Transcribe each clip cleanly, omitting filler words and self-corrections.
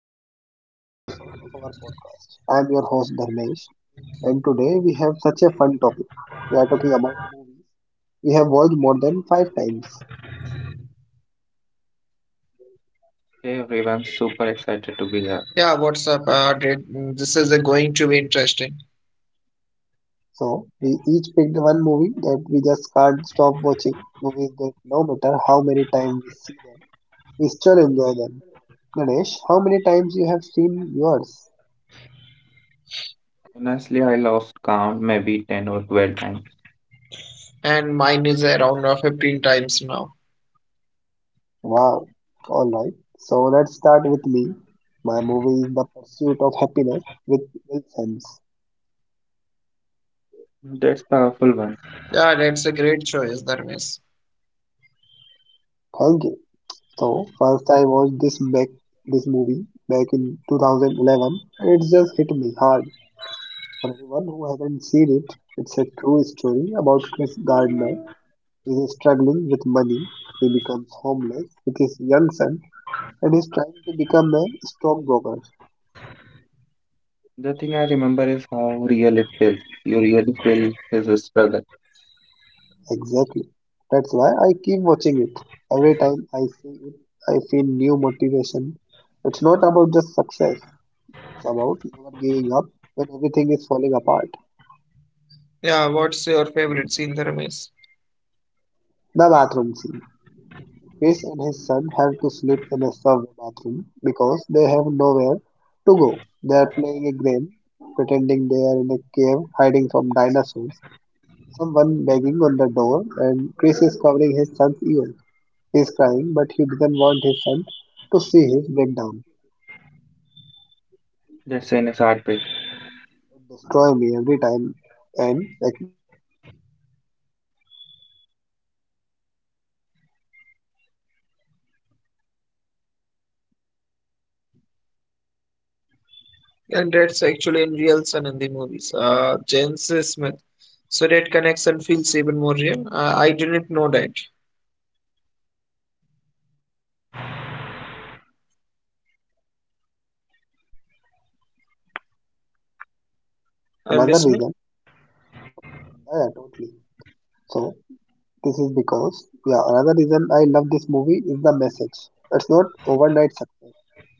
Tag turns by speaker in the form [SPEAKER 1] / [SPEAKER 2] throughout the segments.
[SPEAKER 1] welcome back to another episode of our podcast. I am your host Dharmesh, and today we have such a fun topic. We are talking about movies we have watched more than five times.
[SPEAKER 2] Hey everyone, super excited to be here.
[SPEAKER 3] Yeah, what's up? This is going to be interesting.
[SPEAKER 1] So we each picked one movie that we just can't stop watching. Movies that no matter how many times we see them, we still enjoy them. Ganesh, how many times you have seen yours?
[SPEAKER 2] Honestly, I lost count, maybe 10 or 12 times.
[SPEAKER 3] And mine is around 15 times now.
[SPEAKER 1] Wow. All right. So let's start with me. My movie is The Pursuit of Happiness with Will Smith.
[SPEAKER 2] That's powerful one.
[SPEAKER 3] Yeah, that's a great choice, Dharmesh.
[SPEAKER 1] Thank you. So first I watched this movie back in 2011 and it just hit me hard. For anyone who hasn't seen it, it's a true story about Chris Gardner. He's struggling with money. He becomes homeless with his young son and he's trying to become a stockbroker.
[SPEAKER 2] The thing I remember is how real it feels. You really feel his struggle.
[SPEAKER 1] Exactly. That's why I keep watching it. Every time I see it, I feel new motivation. It's not about just success. It's about never giving up when everything is falling apart.
[SPEAKER 3] Yeah, what's your favorite scene, Dharmesh?
[SPEAKER 1] The bathroom scene. Chris and his son have to sleep in a subway bathroom because they have nowhere to go. They are playing a game, pretending they are in a cave hiding from dinosaurs. Someone banging on the door, and Chris is covering his son's ears. He is crying, but he doesn't want his son to see his breakdown.
[SPEAKER 2] That scene is heartbreaking.
[SPEAKER 1] Destroy me every time, and that's actually his real son in the movie, Jaden Smith. So that connection feels even more real.
[SPEAKER 3] And that's actually in real son in the movies. Jane Smith. So that connection feels even more real. I didn't know that.
[SPEAKER 1] Yeah,
[SPEAKER 3] Are you listening?
[SPEAKER 1] another reason. Yeah, totally. So this is because, yeah, another reason I love this movie is the message. It's not overnight success.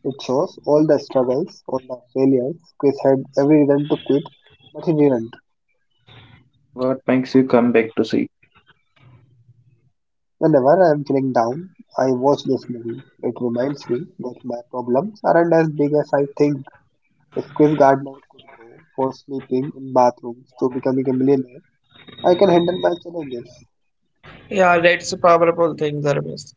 [SPEAKER 1] It shows all the struggles, all the failures. Chris had every reason to quit, but he didn't.
[SPEAKER 2] What makes you come back to see?
[SPEAKER 1] Whenever I am feeling down, I watch this movie. It reminds me that my problems aren't as big as I think. If Chris Gardner could go for sleeping in bathrooms to becoming a millionaire, I can handle my challenges.
[SPEAKER 3] Yeah, that's a powerful thing, Dharmesh.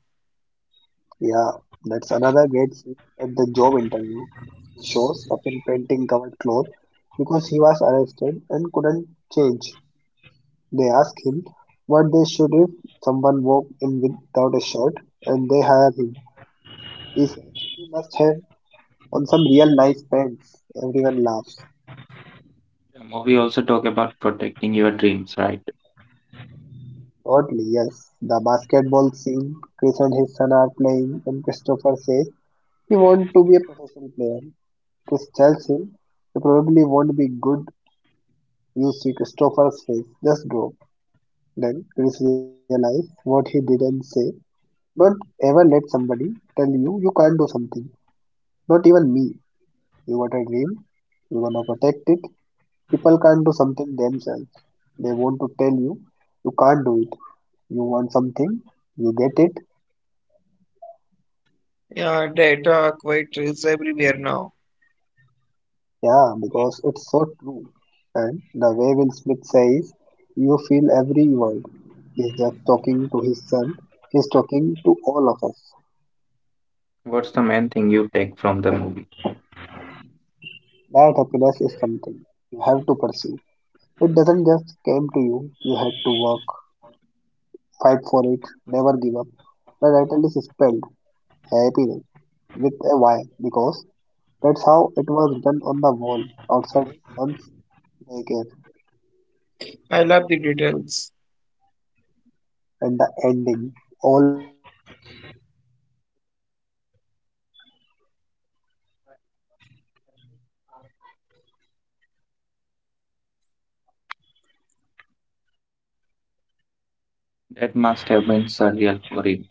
[SPEAKER 1] Yeah, that's another great scene at the job interview. He shows up in painting covered clothes because he was arrested and couldn't change. They ask him what they should if someone walked in without a shirt and they hire him. He says he must have on some real nice pants. Everyone laughs.
[SPEAKER 2] The movie also talk about protecting your dreams, right?
[SPEAKER 1] Oddly, yes. The basketball scene, Chris and his son are playing and Christopher says he wants to be a professional player. Chris tells him he probably won't be good. You see Christopher's face just drop. Then Chris realized what he didn't say. Don't ever let somebody tell you you can't do something. Not even me. You got a dream. You wanna protect it. People can't do something themselves. They want to tell you you can't do it. You want something, you get it.
[SPEAKER 3] Yeah, that quite is everywhere now.
[SPEAKER 1] Yeah, because it's so true. And the way Will Smith says, you feel every word. He's just talking to his son. He's talking to all of us.
[SPEAKER 2] What's the main thing you take from the movie?
[SPEAKER 1] That happiness is something you have to pursue. It doesn't just came to you, you had to work, fight for it, never give up. The title is spelled happiness with a Y because that's how it was written on the wall outside his son's daycare.
[SPEAKER 3] I love the details.
[SPEAKER 1] And the ending always make me cry. When Chris get the job and he walked out of clapping and crying, the real Chris Gardner appeared in that scene too, walking past with Smith.
[SPEAKER 2] That must have been surreal for him.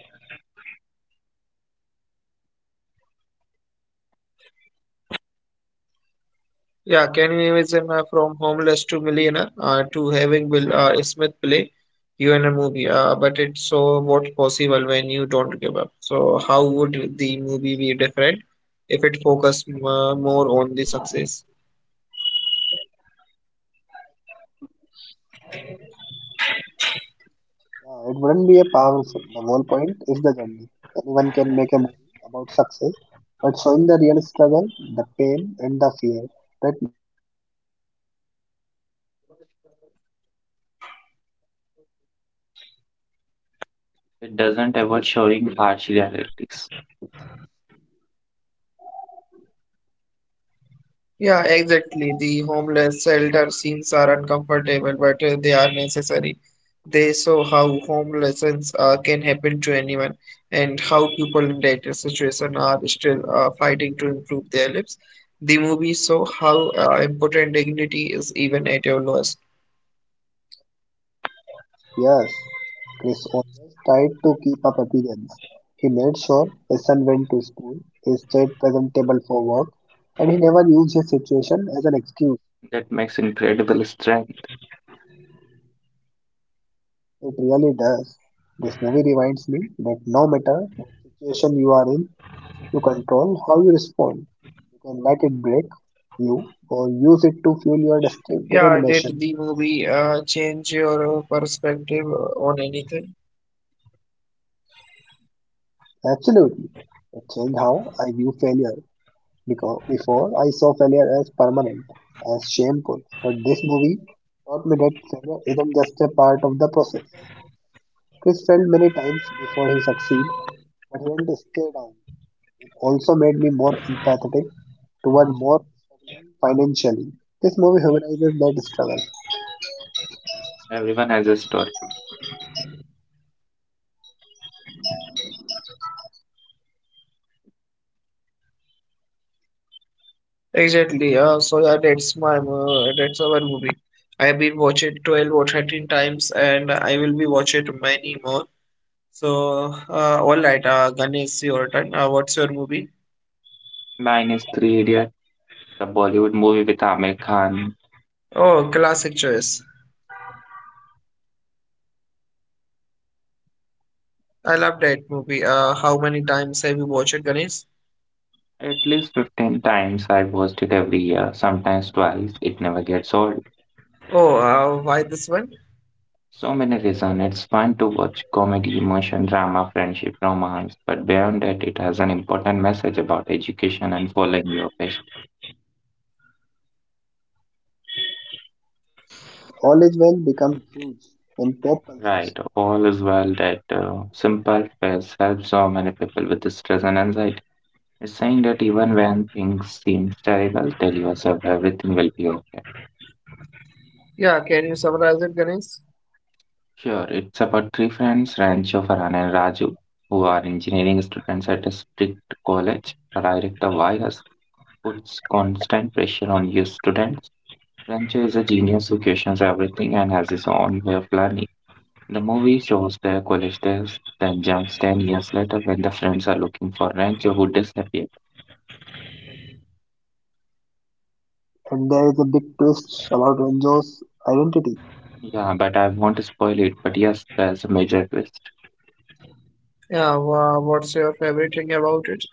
[SPEAKER 3] Yeah,
[SPEAKER 1] Okay,
[SPEAKER 3] can
[SPEAKER 1] can you
[SPEAKER 3] you imagine
[SPEAKER 1] imagine?
[SPEAKER 3] from homeless to millionaire to having Will Smith play you in a movie? But it's so what possible when you don't give up. So how would the movie be different if it focused more on the success?
[SPEAKER 1] Yeah, it wouldn't be a powerful film. The whole point is the journey. Anyone can make a movie about success, but showing the real struggle, the pain, and the fear, that what makes it relatable. We all struggle. That's what connects us to the Chris story.
[SPEAKER 2] It doesn't ever showing harsh realities.
[SPEAKER 3] Yeah, exactly. The homeless shelter scenes are uncomfortable, but they are necessary. They show how homelessness can happen to anyone and how people in dire situation are still fighting to improve their lives. The movie show how important dignity is even at your lowest.
[SPEAKER 1] Yes, Chris always tried to keep up appearance. He made sure his son went to school, he stayed presentable for work, and he never used his situation as an excuse.
[SPEAKER 2] That makes incredible strength.
[SPEAKER 1] It really does. This movie reminds me that no matter what situation you are in, you control how you respond. You can let it break you or use it to fuel your
[SPEAKER 3] Yeah, did
[SPEAKER 1] determination.
[SPEAKER 3] the movie change your perspective on anything?
[SPEAKER 1] Absolutely. It changed how I view failure because before I saw failure as permanent, as shameful. But this movie taught me that failure isn't just a part of the process. Chris failed many times before he succeeded, but he didn't stay down. It also made me more empathetic toward more struggling financially. This movie humanizes that struggle.
[SPEAKER 2] Everyone has a story.
[SPEAKER 3] Exactly. So yeah, that's my that's our movie. I have been watching 12 or 13 times, and I will be watching many more. So all right, Ganesh, your turn. What's your movie?
[SPEAKER 2] Mine is Three Idiot, the Bollywood movie with Amir Khan.
[SPEAKER 3] Oh, classic choice. I love that movie. How many times have you watched it, Ganesh?
[SPEAKER 2] At least 15 times. I watched it every year, sometimes twice. It never gets old.
[SPEAKER 3] Oh, why this one?
[SPEAKER 2] So many reasons. It's fun to watch: comedy, emotion, drama, friendship, romance, but beyond that, it has an important message about education and following your passion.
[SPEAKER 1] All is well become huge in pop culture,
[SPEAKER 2] Right, all is well, that simple phrase helps so many people with stress and anxiety. It's saying that even when things seem terrible, tell yourself everything will be okay.
[SPEAKER 3] Yeah, can you summarize it, Ganesh?
[SPEAKER 2] Sure, it's about three friends, Rancho, Farhan, and Raju, who are engineering students at a strict college. The director virus puts constant pressure on your students. Rancho is a genius who questions everything and has his own way of learning. The movie shows their college days, then jumps 10 years later when the friends are looking for Rancho, who disappeared.
[SPEAKER 1] and there is a big twist about Renjo's identity.
[SPEAKER 2] Yeah, but I won't spoil it, but yes, there's a major twist.
[SPEAKER 3] Yeah, what's your favorite thing about it?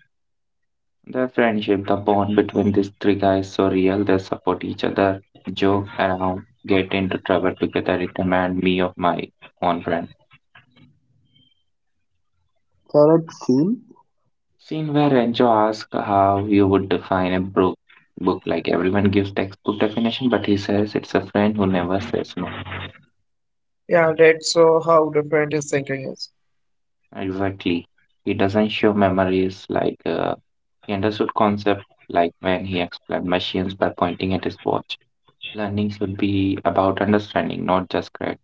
[SPEAKER 2] The friendship, the bond between these three guys so real. They support each other, joke around, get into trouble together. It reminded me of my own friend.
[SPEAKER 1] Third scene,
[SPEAKER 2] Scene where Enzo asks how you would define a book. Like everyone gives textbook definition, but he says it's a friend who never says no.
[SPEAKER 3] Yeah, that's so how different his thinking is.
[SPEAKER 2] Exactly. He doesn't show memories like he understood concept, like when he explained machines by pointing at his watch. Learning should be about understanding, not just grades.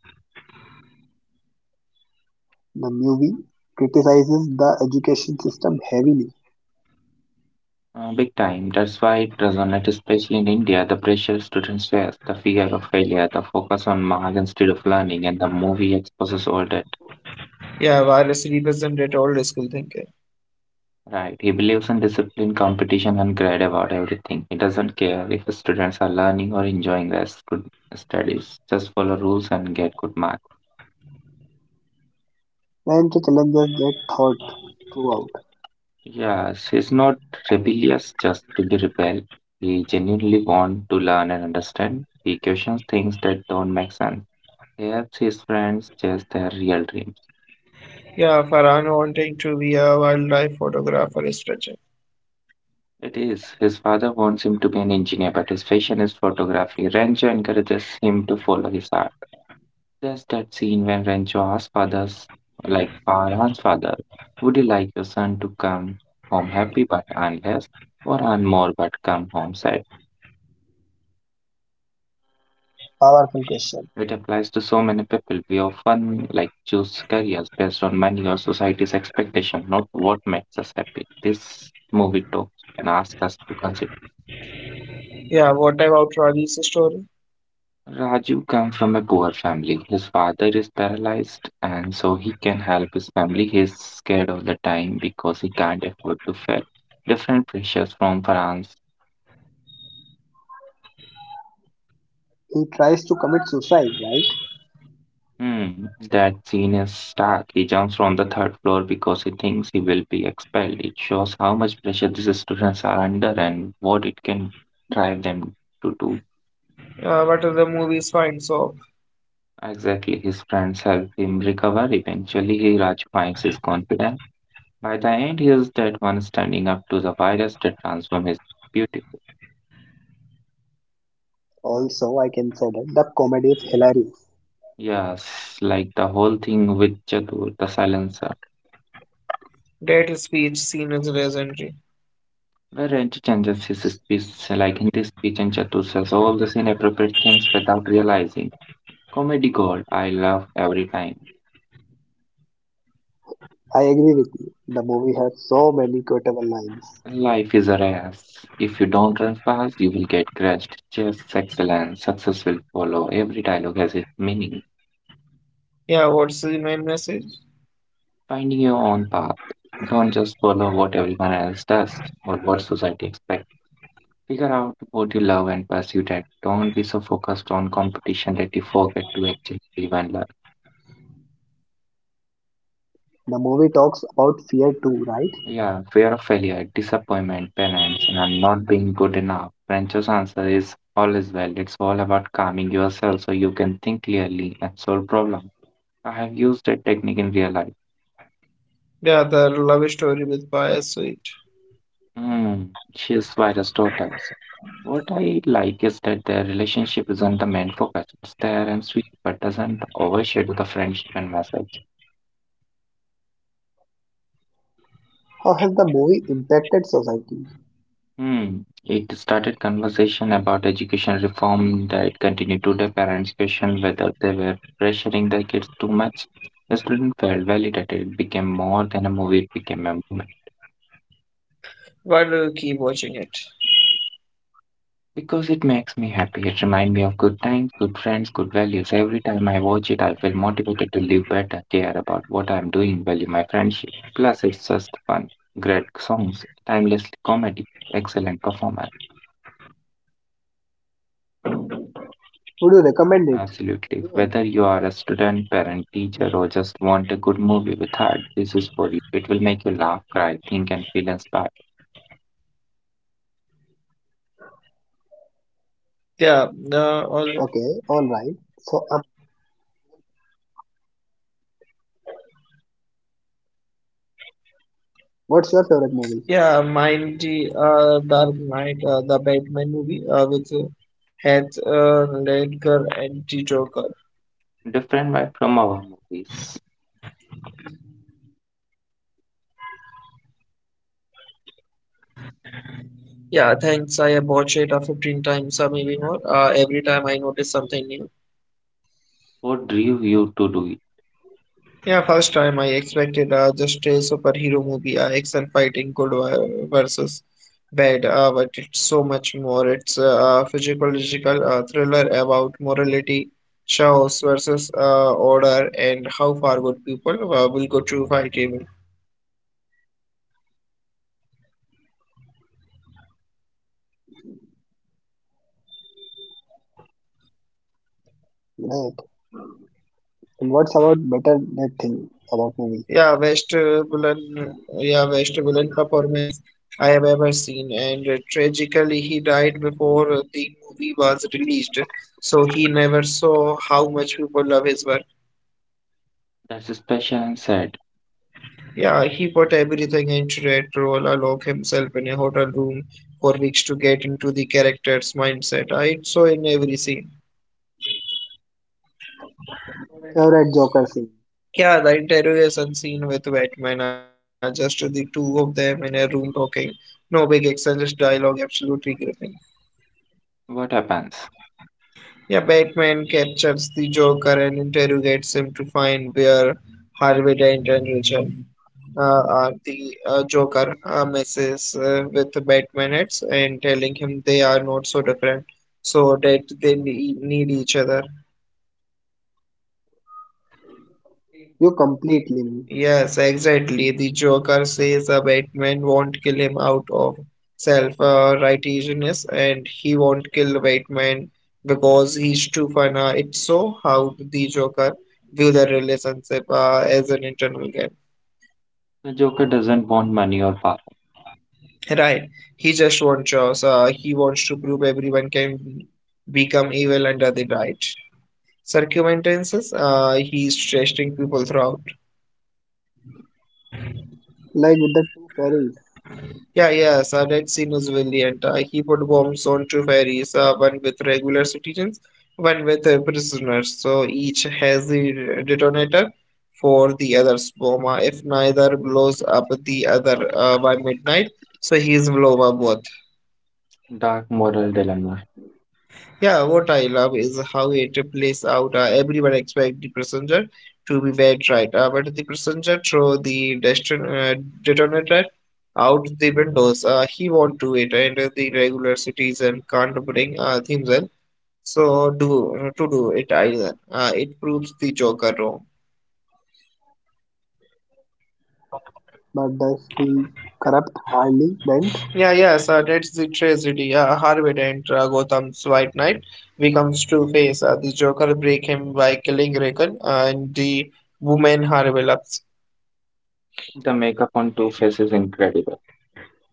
[SPEAKER 1] the movie criticizes the education system heavily
[SPEAKER 2] Big time. That's why it resonates, especially in India. The pressure students face, the fear of failure, the focus on mark instead of learning, and the movie exposes all that.
[SPEAKER 3] Yeah, virus represented old school thinking.
[SPEAKER 2] Right. He believes in discipline, competition, and grade about everything. He doesn't care if the students are learning or enjoying their good studies. Just follow rules and get good marks.
[SPEAKER 1] and challenges that thought throughout.
[SPEAKER 2] Yes, he's not rebellious just to be rebel. He genuinely wants to learn and understand. He questions things that don't make sense. He helps his friends chase their real dreams.
[SPEAKER 3] Yeah, Farhan wanting to be a wildlife photographer is tragic.
[SPEAKER 2] It is. His father wants him to be an engineer, but his passion is photography. Rancho encourages him to follow his art. There's that scene when Rancho asks fathers, like Farhan's father, would you like your son to come home happy but earn less, or earn more but come home sad?
[SPEAKER 1] Powerful question.
[SPEAKER 2] It applies to so many people. We often like choose careers based on money or society's expectation, not what makes us happy. This movie talks and asks us to consider.
[SPEAKER 3] Yeah, what about Raji's story?
[SPEAKER 2] Raju comes from a poor family. His father is paralyzed and so he can help his family. He's scared all the time because he can't afford to fail. Different pressures from France.
[SPEAKER 1] He tries to commit suicide, right?
[SPEAKER 2] Hmm, that scene is stark. He jumps from the third floor because he thinks he will be expelled. It shows how much pressure these students are under and what it can drive them to do.
[SPEAKER 3] But the movie is fine, so
[SPEAKER 2] Exactly, his friends help him recover. Eventually, he Raju finds his confidence. By the end, he is that one standing up to the virus that transformed his beautiful.
[SPEAKER 1] Also, I can say that the comedy is hilarious.
[SPEAKER 2] Yes, like the whole thing with Chatur, the silencer,
[SPEAKER 3] that speech scene is legendary.
[SPEAKER 2] where Ranjit changes his speech, like Hindi speech, and Chatur says all these inappropriate things without realizing. Comedy gold, I love every time.
[SPEAKER 1] I agree with you. The movie has so many quotable lines.
[SPEAKER 2] Life is a race. If you don't run fast, you will get crushed. Just excellence, success will follow. Every dialogue has its meaning.
[SPEAKER 3] Yeah, what's the main message?
[SPEAKER 2] Finding your own path. Don't just follow what everyone else does or what society expects. Figure out what you love and pursue that. Don't be so focused on competition that you forget to actually live and learn.
[SPEAKER 1] The movie talks about fear too, right?
[SPEAKER 2] Yeah, fear of failure, disappointment, parents, and I'm not being good enough. Rancho's answer is all is well. It's all about calming yourself so you can think clearly and solve problems. I have used that technique in real life.
[SPEAKER 3] Yeah, the love story with bias sweet.
[SPEAKER 2] Hmm, she's virus daughters. What I like is that their relationship isn't the main focus. It's there and sweet, but doesn't overshadow the friendship and message.
[SPEAKER 1] How has the movie impacted society?
[SPEAKER 2] Hmm. It started conversation about education reform that continue today. Parents question whether they were pressuring their kids too much. The student felt validated. It became more than a movie. It became a moment.
[SPEAKER 3] Why do you keep watching it?
[SPEAKER 2] Because it makes me happy. It reminds me of good times, good friends, good values. Every time I watch it, I feel motivated to live better, care about what I'm doing, value my friendship. Plus, it's just fun. Great songs, timeless comedy, excellent performance.
[SPEAKER 1] Would you recommend it?
[SPEAKER 2] Absolutely.
[SPEAKER 1] Everyone.
[SPEAKER 2] Whether you are a student, parent, teacher, or just want a good movie with heart, this is for you. It will make you laugh, cry, think, and feel inspired.
[SPEAKER 3] Yeah, or
[SPEAKER 1] Okay, alright. So, what's your favorite movie?
[SPEAKER 3] yeah, Mind the Dark Knight, the Batman movie with Heath Ledger and the Joker.
[SPEAKER 2] Different vibe from our movies.
[SPEAKER 1] Great choice, though. That movie is incredible.
[SPEAKER 3] Yeah, thanks. I have watched it 15 times or maybe more. Every time I notice something new.
[SPEAKER 2] What drew you to do it?
[SPEAKER 3] Yeah, first time I expected just a superhero movie, action fighting good versus bad, but it's so much more. It's a physiological thriller about morality, shows versus order, and how far good people will go to fight evil.
[SPEAKER 1] Great. And what's about better that thing about movie?
[SPEAKER 3] Yeah, vestibular, yeah, vestibular performance I have ever seen, and tragically, he died before the movie was released, so he never saw how much people love his work.
[SPEAKER 2] That's special and sad.
[SPEAKER 3] Yeah, he put everything into that role, alone himself in a hotel room for weeks to get into the character's mindset. I saw in every scene.
[SPEAKER 1] Favorite Joker scene.
[SPEAKER 3] Yeah, the interrogation scene with Batman are just the two of them in a room talking. No big action, just dialogue, absolutely gripping.
[SPEAKER 2] What happens?
[SPEAKER 3] Yeah, Batman captures the Joker and interrogates him to find where Harvey Dent and Richard are. The Joker messes with the Batman heads and telling him they are not so different, so that they need each other.
[SPEAKER 1] You completely me.
[SPEAKER 3] Yes, exactly. The Joker says a Batman won't kill him out of self-righteousness, and he won't kill Batman because he's too fun. It's so how the Joker view the relationship as an internal game.
[SPEAKER 2] The Joker doesn't want money or power.
[SPEAKER 3] Right. He just wants choice. So he wants to prove everyone can become evil under the right circumstances. He's testing people throughout.
[SPEAKER 1] Like with the two fairies.
[SPEAKER 3] Yeah, yes, that scene was brilliant. He put bombs on two ferries, one with regular citizens, one with prisoners. So each has the detonator for the other's bomb. If neither blows up the other by midnight, so he's blow up both.
[SPEAKER 2] Dark moral dilemma.
[SPEAKER 3] Yeah, what I love is how it plays out. Everyone expects the passenger to be dead right, but the passenger throw the destin detonator out the windows. He won't do it, and the regular citizen can't bring himself so do to do it either. It proves the Joker wrong.
[SPEAKER 1] But does he corrupt Harley Dent?
[SPEAKER 3] Yeah, yes, that's the tragedy. Harvey Dent, Gotham's White Knight, becomes Two-Face. The Joker break him by killing Raken, and the woman Harvey loves.
[SPEAKER 2] The makeup on Two Face is incredible.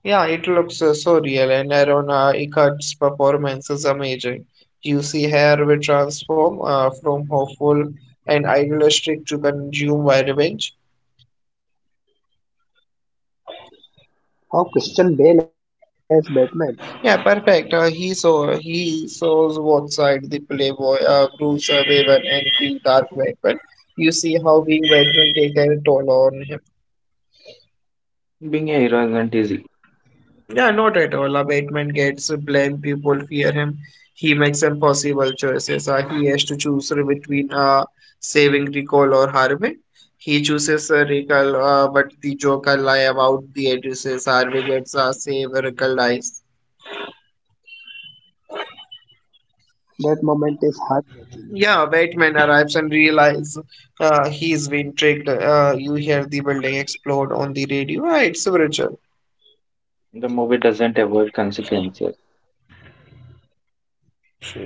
[SPEAKER 3] Yeah, it looks so real, and Arona Ickard's performance is amazing. You see her will transform from hopeful and idealistic to consumed by revenge.
[SPEAKER 1] How Christian Bale as Batman?
[SPEAKER 3] Yeah, perfect. He saw he shows what side the playboy Bruce Wayne and the Dark Knight. But you see how being veteran take a toll on him.
[SPEAKER 2] Being a hero isn't easy.
[SPEAKER 3] Yeah, not at all. Batman gets blamed. People fear him. He makes impossible choices. He has to choose between saving Recall or harming. He chooses Recall, but the Joker lie about the addresses. Harvey gets save Recall lies.
[SPEAKER 1] That moment is heartbreaking.
[SPEAKER 3] Yeah, Batman arrives and realizes he's been tricked. You hear the building explode on the radio. Ah, it's a Virgil.
[SPEAKER 2] The movie doesn't avoid consequences.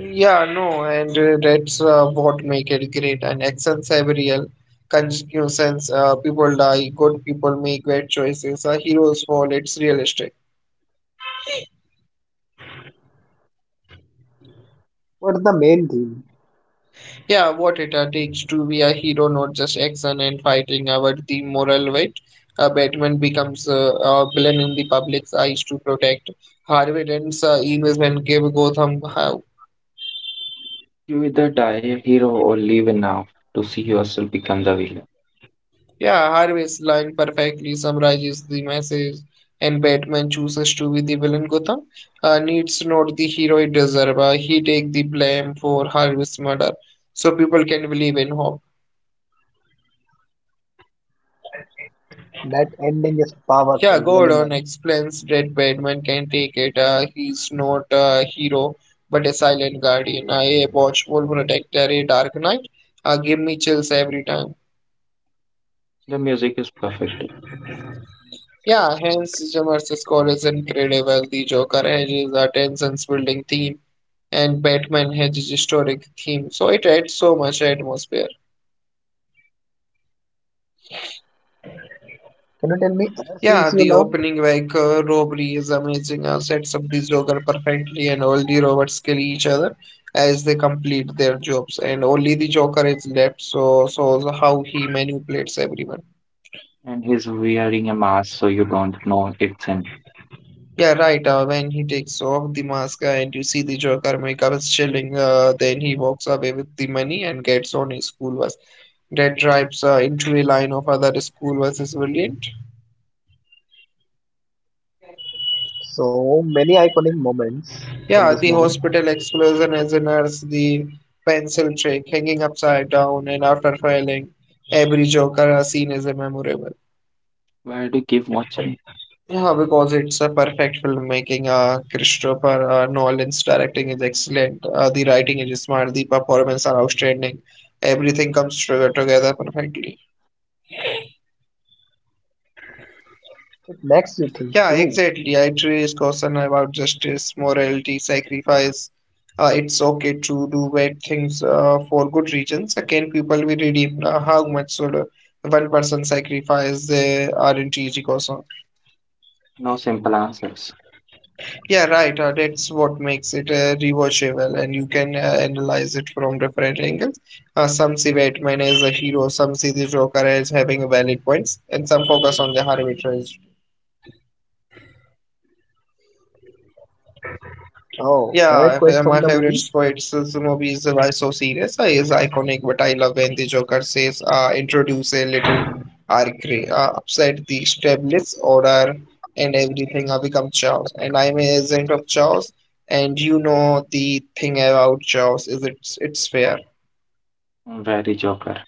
[SPEAKER 3] Yeah, no, and that's what make it great. And actions have real consequences. People die, good people make bad choices. Heroes fall. It's realistic.
[SPEAKER 1] What's the main theme?
[SPEAKER 3] Yeah, what it takes to be a hero, not just action and fighting. Our the moral weight. Batman becomes a villain in the public's eyes to protect Harvey and Enes and give Gotham
[SPEAKER 2] You either die a hero or live enough to see yourself become the villain.
[SPEAKER 3] Yeah, Harvey's line perfectly summarizes the message, and Batman chooses to be the villain Gotham. Needs not the hero it deserves. He take the blame for Harvey's murder, so people can believe in hope.
[SPEAKER 1] That ending is powerful,
[SPEAKER 3] Yeah,
[SPEAKER 1] really
[SPEAKER 3] Gordon
[SPEAKER 1] man.
[SPEAKER 3] explains that Batman can take it. He's not a hero, but a silent guardian, a watchful protector, a dark knight. Give me chills every time.
[SPEAKER 2] The music is perfect,
[SPEAKER 3] Yeah, hence Jamar's score is incredible. The Joker has his attention building theme and Batman has this historic theme, so it adds so much atmosphere.
[SPEAKER 1] Can you tell me other
[SPEAKER 3] Yeah,
[SPEAKER 1] scenes
[SPEAKER 3] the
[SPEAKER 1] you love?
[SPEAKER 3] opening like robbery is amazing. Sets up the Joker perfectly, and all the robots kill each other as they complete their jobs, and only the Joker is left. So shows how he manipulates everyone.
[SPEAKER 2] and he's wearing a mask so you don't know it's him.
[SPEAKER 3] Yeah, right. When he takes off the mask and you see the Joker makeup is chilling, then he walks away with the money and gets on his school bus. That drives into a line of other school buses. Brilliant.
[SPEAKER 1] So many iconic moments in
[SPEAKER 3] Yeah,
[SPEAKER 1] this
[SPEAKER 3] the
[SPEAKER 1] movie.
[SPEAKER 3] hospital explosion as a nurse, the pencil trick, hanging upside down, and after failing, every Joker scene is a memorable.
[SPEAKER 2] Why do you keep watching?
[SPEAKER 3] Yeah, because it's a perfect filmmaking. Christopher Nolan's directing is excellent. The writing is smart. The performances are outstanding. Everything comes together perfectly.
[SPEAKER 1] It makes you think
[SPEAKER 3] Yeah,
[SPEAKER 1] too.
[SPEAKER 3] exactly. I raised concern about justice, morality, sacrifice. It's okay to do bad things for good reasons. Can people be redeemed? How much should one person sacrifice their aren't easy concern?
[SPEAKER 2] No simple answers.
[SPEAKER 3] Yeah, right. That's what makes it rewatchable, and you can analyze it from different angles. Some see Batman as a hero, some see the Joker as having valid points, and some focus on the arbitrary.
[SPEAKER 1] Oh, favorite quote from the movie?
[SPEAKER 3] My favorite Squid's movie is Why So Serious is iconic, but I love when the Joker says, introduce a little arcade, upset the established order, and everything become chaos. And I'm a agent of chaos, and you know the thing about chaos is it's fair.
[SPEAKER 2] Very Joker.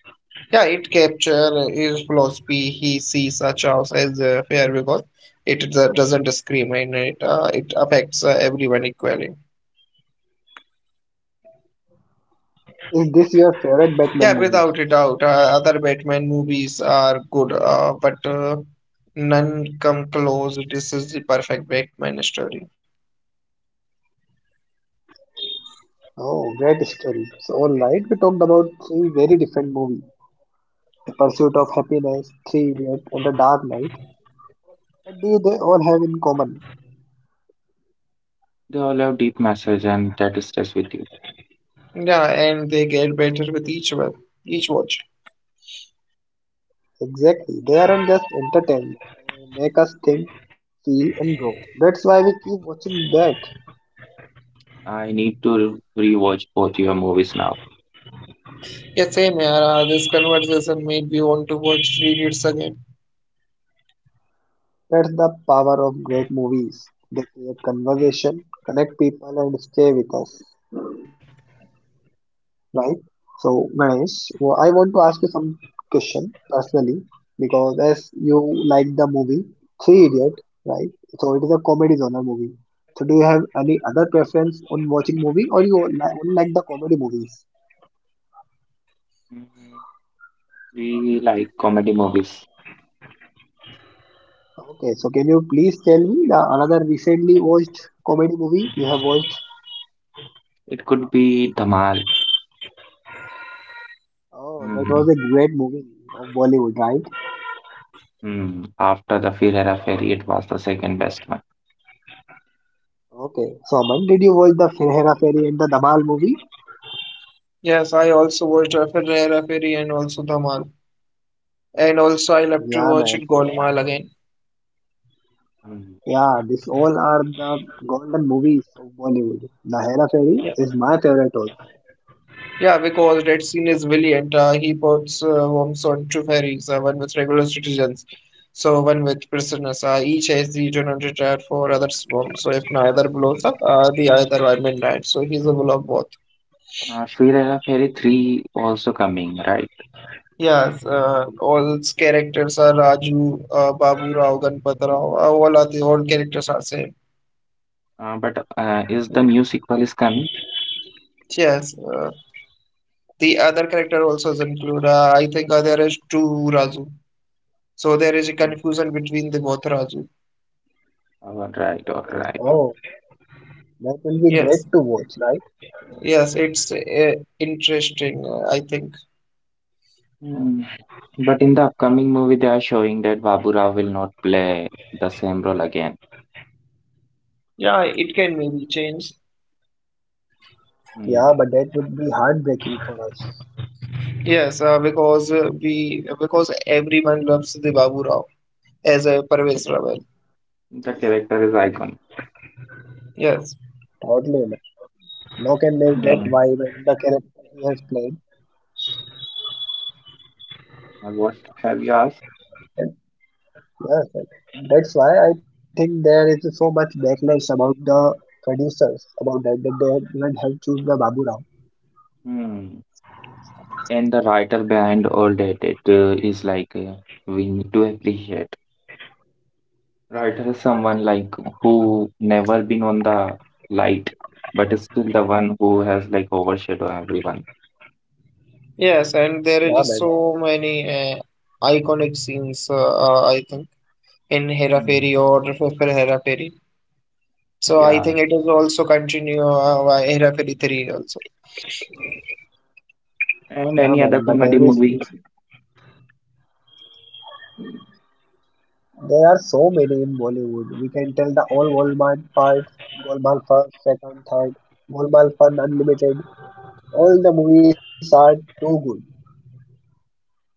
[SPEAKER 3] Yeah, it capture his philosophy. He sees chaos as fair because it doesn't discriminate. It affects everyone equally.
[SPEAKER 1] Is this your favorite Batman
[SPEAKER 3] Yeah,
[SPEAKER 1] movie?
[SPEAKER 3] without a doubt, other Batman movies are good, but none come close. This is the perfect Batman story.
[SPEAKER 1] Oh, great story. So alright, we talked about three very different movies. The Pursuit of Happiness, Three Idiots and The Dark Knight. What do they all have in common?
[SPEAKER 2] They all have deep message and that stays with you.
[SPEAKER 3] Yeah, and they get better with each one, each watch.
[SPEAKER 1] Exactly, they aren't just entertainment. They make us think, feel and grow. That's why we keep watching that.
[SPEAKER 2] I need to rewatch both your movies now.
[SPEAKER 3] Yeah, same here. This conversation made me want to watch Three Idiots again.
[SPEAKER 1] That's the power of great movies. They create conversation, connect people, and stay with us, right? So, Ganesh, well, I want to ask you some question personally because as you like the movie Three Idiot, right? So it is a comedy genre movie. So do you have any other preference on watching movie, or you only like the comedy movies?
[SPEAKER 2] Mm, we like comedy movies.
[SPEAKER 1] Okay, so can you please tell me the another recently watched comedy movie you have watched?
[SPEAKER 2] It could be Dhamal.
[SPEAKER 1] Oh, that was
[SPEAKER 2] Mm,
[SPEAKER 1] a great movie of Bollywood, right?
[SPEAKER 2] mm. After the Firera Ferry, it was the second best one.
[SPEAKER 1] Okay, so Aman, did you watch the Hera Fairy and the Dhamal movie?
[SPEAKER 3] Yes, I also watched Rafa Ferry and also Dhamal, and also I
[SPEAKER 1] Yeah,
[SPEAKER 3] love to
[SPEAKER 1] man.
[SPEAKER 3] watch Golmaal again.
[SPEAKER 2] Mm.
[SPEAKER 1] Yeah, these all are the golden movies of Bollywood. The Hera
[SPEAKER 3] Yeah.
[SPEAKER 1] Fairy is my favorite also.
[SPEAKER 3] Yeah, because Red Scene is brilliant. He puts worms on two ferries, one with regular citizens, so one with prisoners. Each has the generated red for other swarm. So if neither blows up, the other are midnight. So he's a bull of both.
[SPEAKER 2] Firera Ferry 3 also coming, right?
[SPEAKER 3] Yes, all its characters are Raju, Babu Rao, Ganpat Rao. All characters are same.
[SPEAKER 2] But is the new sequel is coming?
[SPEAKER 3] Yes, the other character also is included. I think there is two Raju. So there is a confusion between the both Raju.
[SPEAKER 2] All right, all right.
[SPEAKER 1] Oh, that will be
[SPEAKER 3] Yes.
[SPEAKER 1] great to watch, right?
[SPEAKER 3] Yes, it's interesting, I think.
[SPEAKER 2] Hmm. But in the upcoming movie, they are showing that Baburao will not play the same role again.
[SPEAKER 3] Yeah, it can maybe change.
[SPEAKER 2] Hmm.
[SPEAKER 1] Yeah, but that would be heartbreaking for us.
[SPEAKER 3] Because everyone loves the Babu Rao as a Parvez Rawal.
[SPEAKER 2] The character is iconic.
[SPEAKER 3] Yes.
[SPEAKER 1] Totally, man. No can make that
[SPEAKER 3] And-
[SPEAKER 2] Hmm.
[SPEAKER 1] vibe and the character he has played.
[SPEAKER 2] What have you asked?
[SPEAKER 1] And yes, and that's why I think there is so much backlash about the producers about that that they didn't have choose the Babu Rao.
[SPEAKER 2] Hmm. And the writer behind all that it is like we need to appreciate. Writer is someone like who never been on the light, but is still the one who has like overshadowed everyone.
[SPEAKER 3] Yes, and there
[SPEAKER 1] Yeah,
[SPEAKER 3] is
[SPEAKER 1] man.
[SPEAKER 3] so many iconic scenes, I think, in Hera
[SPEAKER 2] Hmm.
[SPEAKER 3] Fairy or for Hera Fairy. So I
[SPEAKER 2] Yeah.
[SPEAKER 3] think it is also continue by Hera Fairy 3 also.
[SPEAKER 2] And
[SPEAKER 1] Yeah,
[SPEAKER 2] any other
[SPEAKER 1] man. But
[SPEAKER 2] comedy
[SPEAKER 1] every,
[SPEAKER 2] movie?
[SPEAKER 1] there are so many in Bollywood. We can tell the all Golmaal part, Golmaal first, second, third, Golmaal Fun Unlimited. All the movies are too good.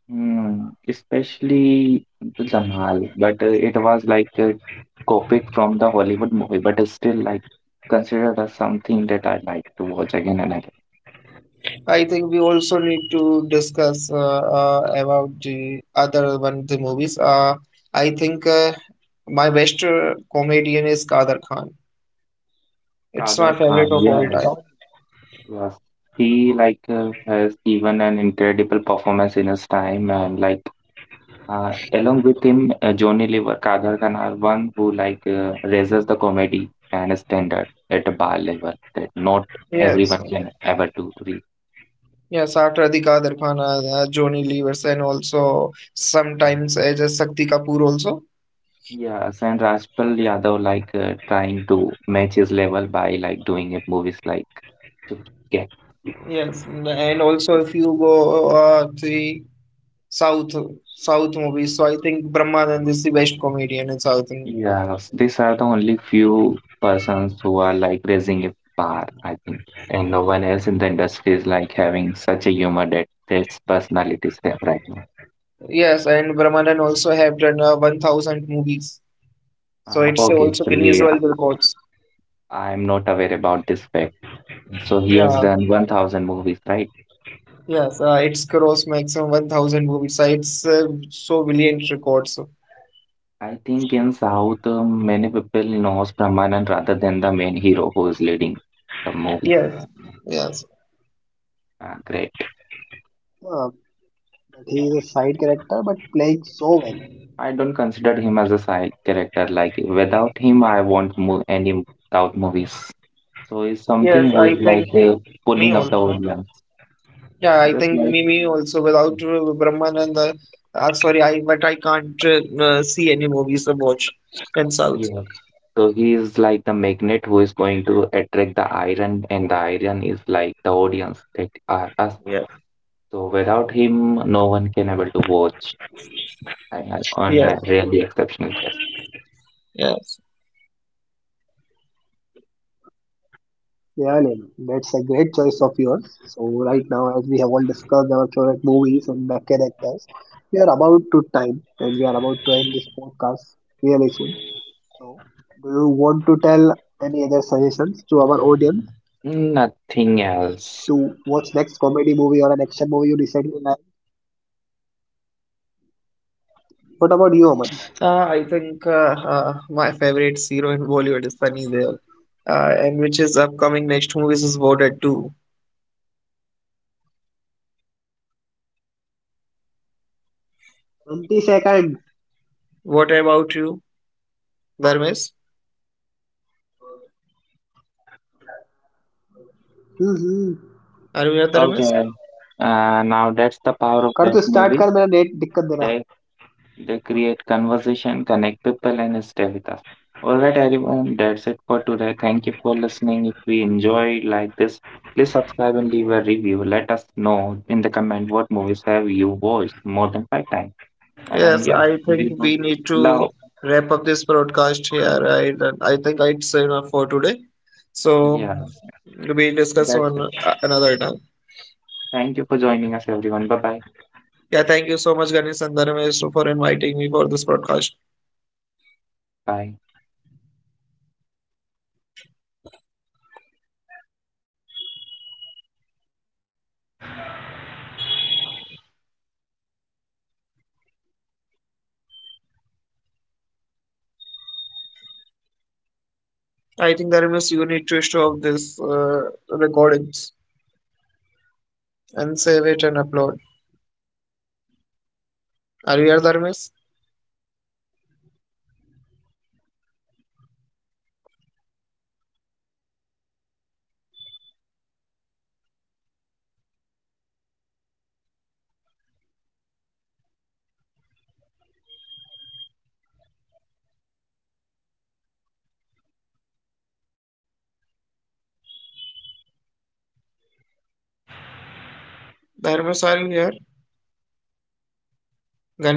[SPEAKER 2] Hmm, especially the Dhamal, but it was like a copied from the Hollywood movie, but it's still like considered as something that I like to watch again and again.
[SPEAKER 3] I think we also need to discuss about the other one, the movies. I think my best comedian is Kader Khan. It's my
[SPEAKER 2] Kader
[SPEAKER 3] favorite
[SPEAKER 2] Khan,
[SPEAKER 3] of all
[SPEAKER 2] yes,
[SPEAKER 3] time.
[SPEAKER 1] But,
[SPEAKER 2] yes. He like has given an incredible performance in his time, and like along with him, Johnny Lever, Kader Khan are one who like raises the comedy and standard at a bar level that not
[SPEAKER 3] Yes,
[SPEAKER 2] everyone can ever to reach.
[SPEAKER 3] yes. After the Kader Khan, Johnny Levers, and also sometimes just Shakti Kapoor also.
[SPEAKER 2] Yeah, Saint Rajpal Yadav like trying to match his level by like doing it movies like Chip Ke-
[SPEAKER 3] Yes, and also if you go the South South movies, so I think Brahmanand is the best comedian in South. In
[SPEAKER 2] yeah, these are the only few persons who are like raising a bar, I think, and no one else in the industry is like having such a humor that these personalities have right now.
[SPEAKER 3] Yes, and Brahmanan also have done 1,000 movies. So it's
[SPEAKER 2] Okay,
[SPEAKER 3] also Guinness
[SPEAKER 2] actually,
[SPEAKER 3] World Records.
[SPEAKER 2] I'm not aware about this fact. So he has
[SPEAKER 3] Yeah,
[SPEAKER 2] done 1,000 movies, right?
[SPEAKER 3] yes, its gross maximum 1,000 movies. So it's so brilliant records.
[SPEAKER 2] I think in South, many people knows Brahmanand rather than the main hero who is leading the movie.
[SPEAKER 3] Yes, yes,
[SPEAKER 2] Ah, great.
[SPEAKER 1] uh, but he is a side character, but playing so well.
[SPEAKER 2] I don't consider him as a side character. Like without him, I won't move any South movies. So he's
[SPEAKER 3] yes,
[SPEAKER 2] something who
[SPEAKER 3] I
[SPEAKER 2] is
[SPEAKER 3] think
[SPEAKER 2] like
[SPEAKER 3] me
[SPEAKER 2] pulling up the
[SPEAKER 3] also.
[SPEAKER 2] audience.
[SPEAKER 3] Yeah, I
[SPEAKER 2] Just
[SPEAKER 3] think
[SPEAKER 2] like
[SPEAKER 3] me also. Without Brahmanan, sorry, I but I can't see any movies or watch in South.
[SPEAKER 2] yeah. So he is like the magnet who is going to attract the iron, and the iron is like the audience that are us.
[SPEAKER 3] Yeah.
[SPEAKER 2] So without him, no one can able to watch. I had on
[SPEAKER 3] Yes,
[SPEAKER 2] a really exceptional guest.
[SPEAKER 3] yes.
[SPEAKER 1] Yeah, Lem, that's a great choice of yours. So right now, as we have all discussed our favorite movies and the characters, we are about to time, and we are about to end this podcast really soon. So, do you want to tell any other suggestions to our audience to
[SPEAKER 2] Nothing
[SPEAKER 1] watch next
[SPEAKER 2] else.
[SPEAKER 1] comedy movie or an action movie you recently liked? What about you, Aman?
[SPEAKER 3] I think my favorite hero in Bollywood is Sunny Deol, and which is upcoming next movies is voted too. What about you, Dharmesh? Are you here, Dharmesh?
[SPEAKER 2] Okay. Now that's the power of that movies. They create conversation, connect people, and stay with us. All right, everyone. That's it for today. Thank you for listening. If we enjoy like this, please subscribe and leave a review. Let us know in the comment what movies have you watched more than five times. And
[SPEAKER 3] Yes,
[SPEAKER 2] yes,
[SPEAKER 3] I think
[SPEAKER 2] we would
[SPEAKER 3] we need to
[SPEAKER 2] love.
[SPEAKER 3] wrap up this broadcast here. I think it's enough for today. So
[SPEAKER 2] Yes,
[SPEAKER 3] we discuss
[SPEAKER 2] that's
[SPEAKER 3] on
[SPEAKER 2] it.
[SPEAKER 3] another time.
[SPEAKER 2] Thank you for joining us, everyone. Bye bye.
[SPEAKER 3] Yeah, thank you so much, Ganesh and Dharmesh, for inviting me for this broadcast.
[SPEAKER 2] 拜拜。
[SPEAKER 3] I think Dharmesh, you need to stop this recordings and save it and upload. Are you here, Dharmesh? Dharmesh, are you here? Ganesh?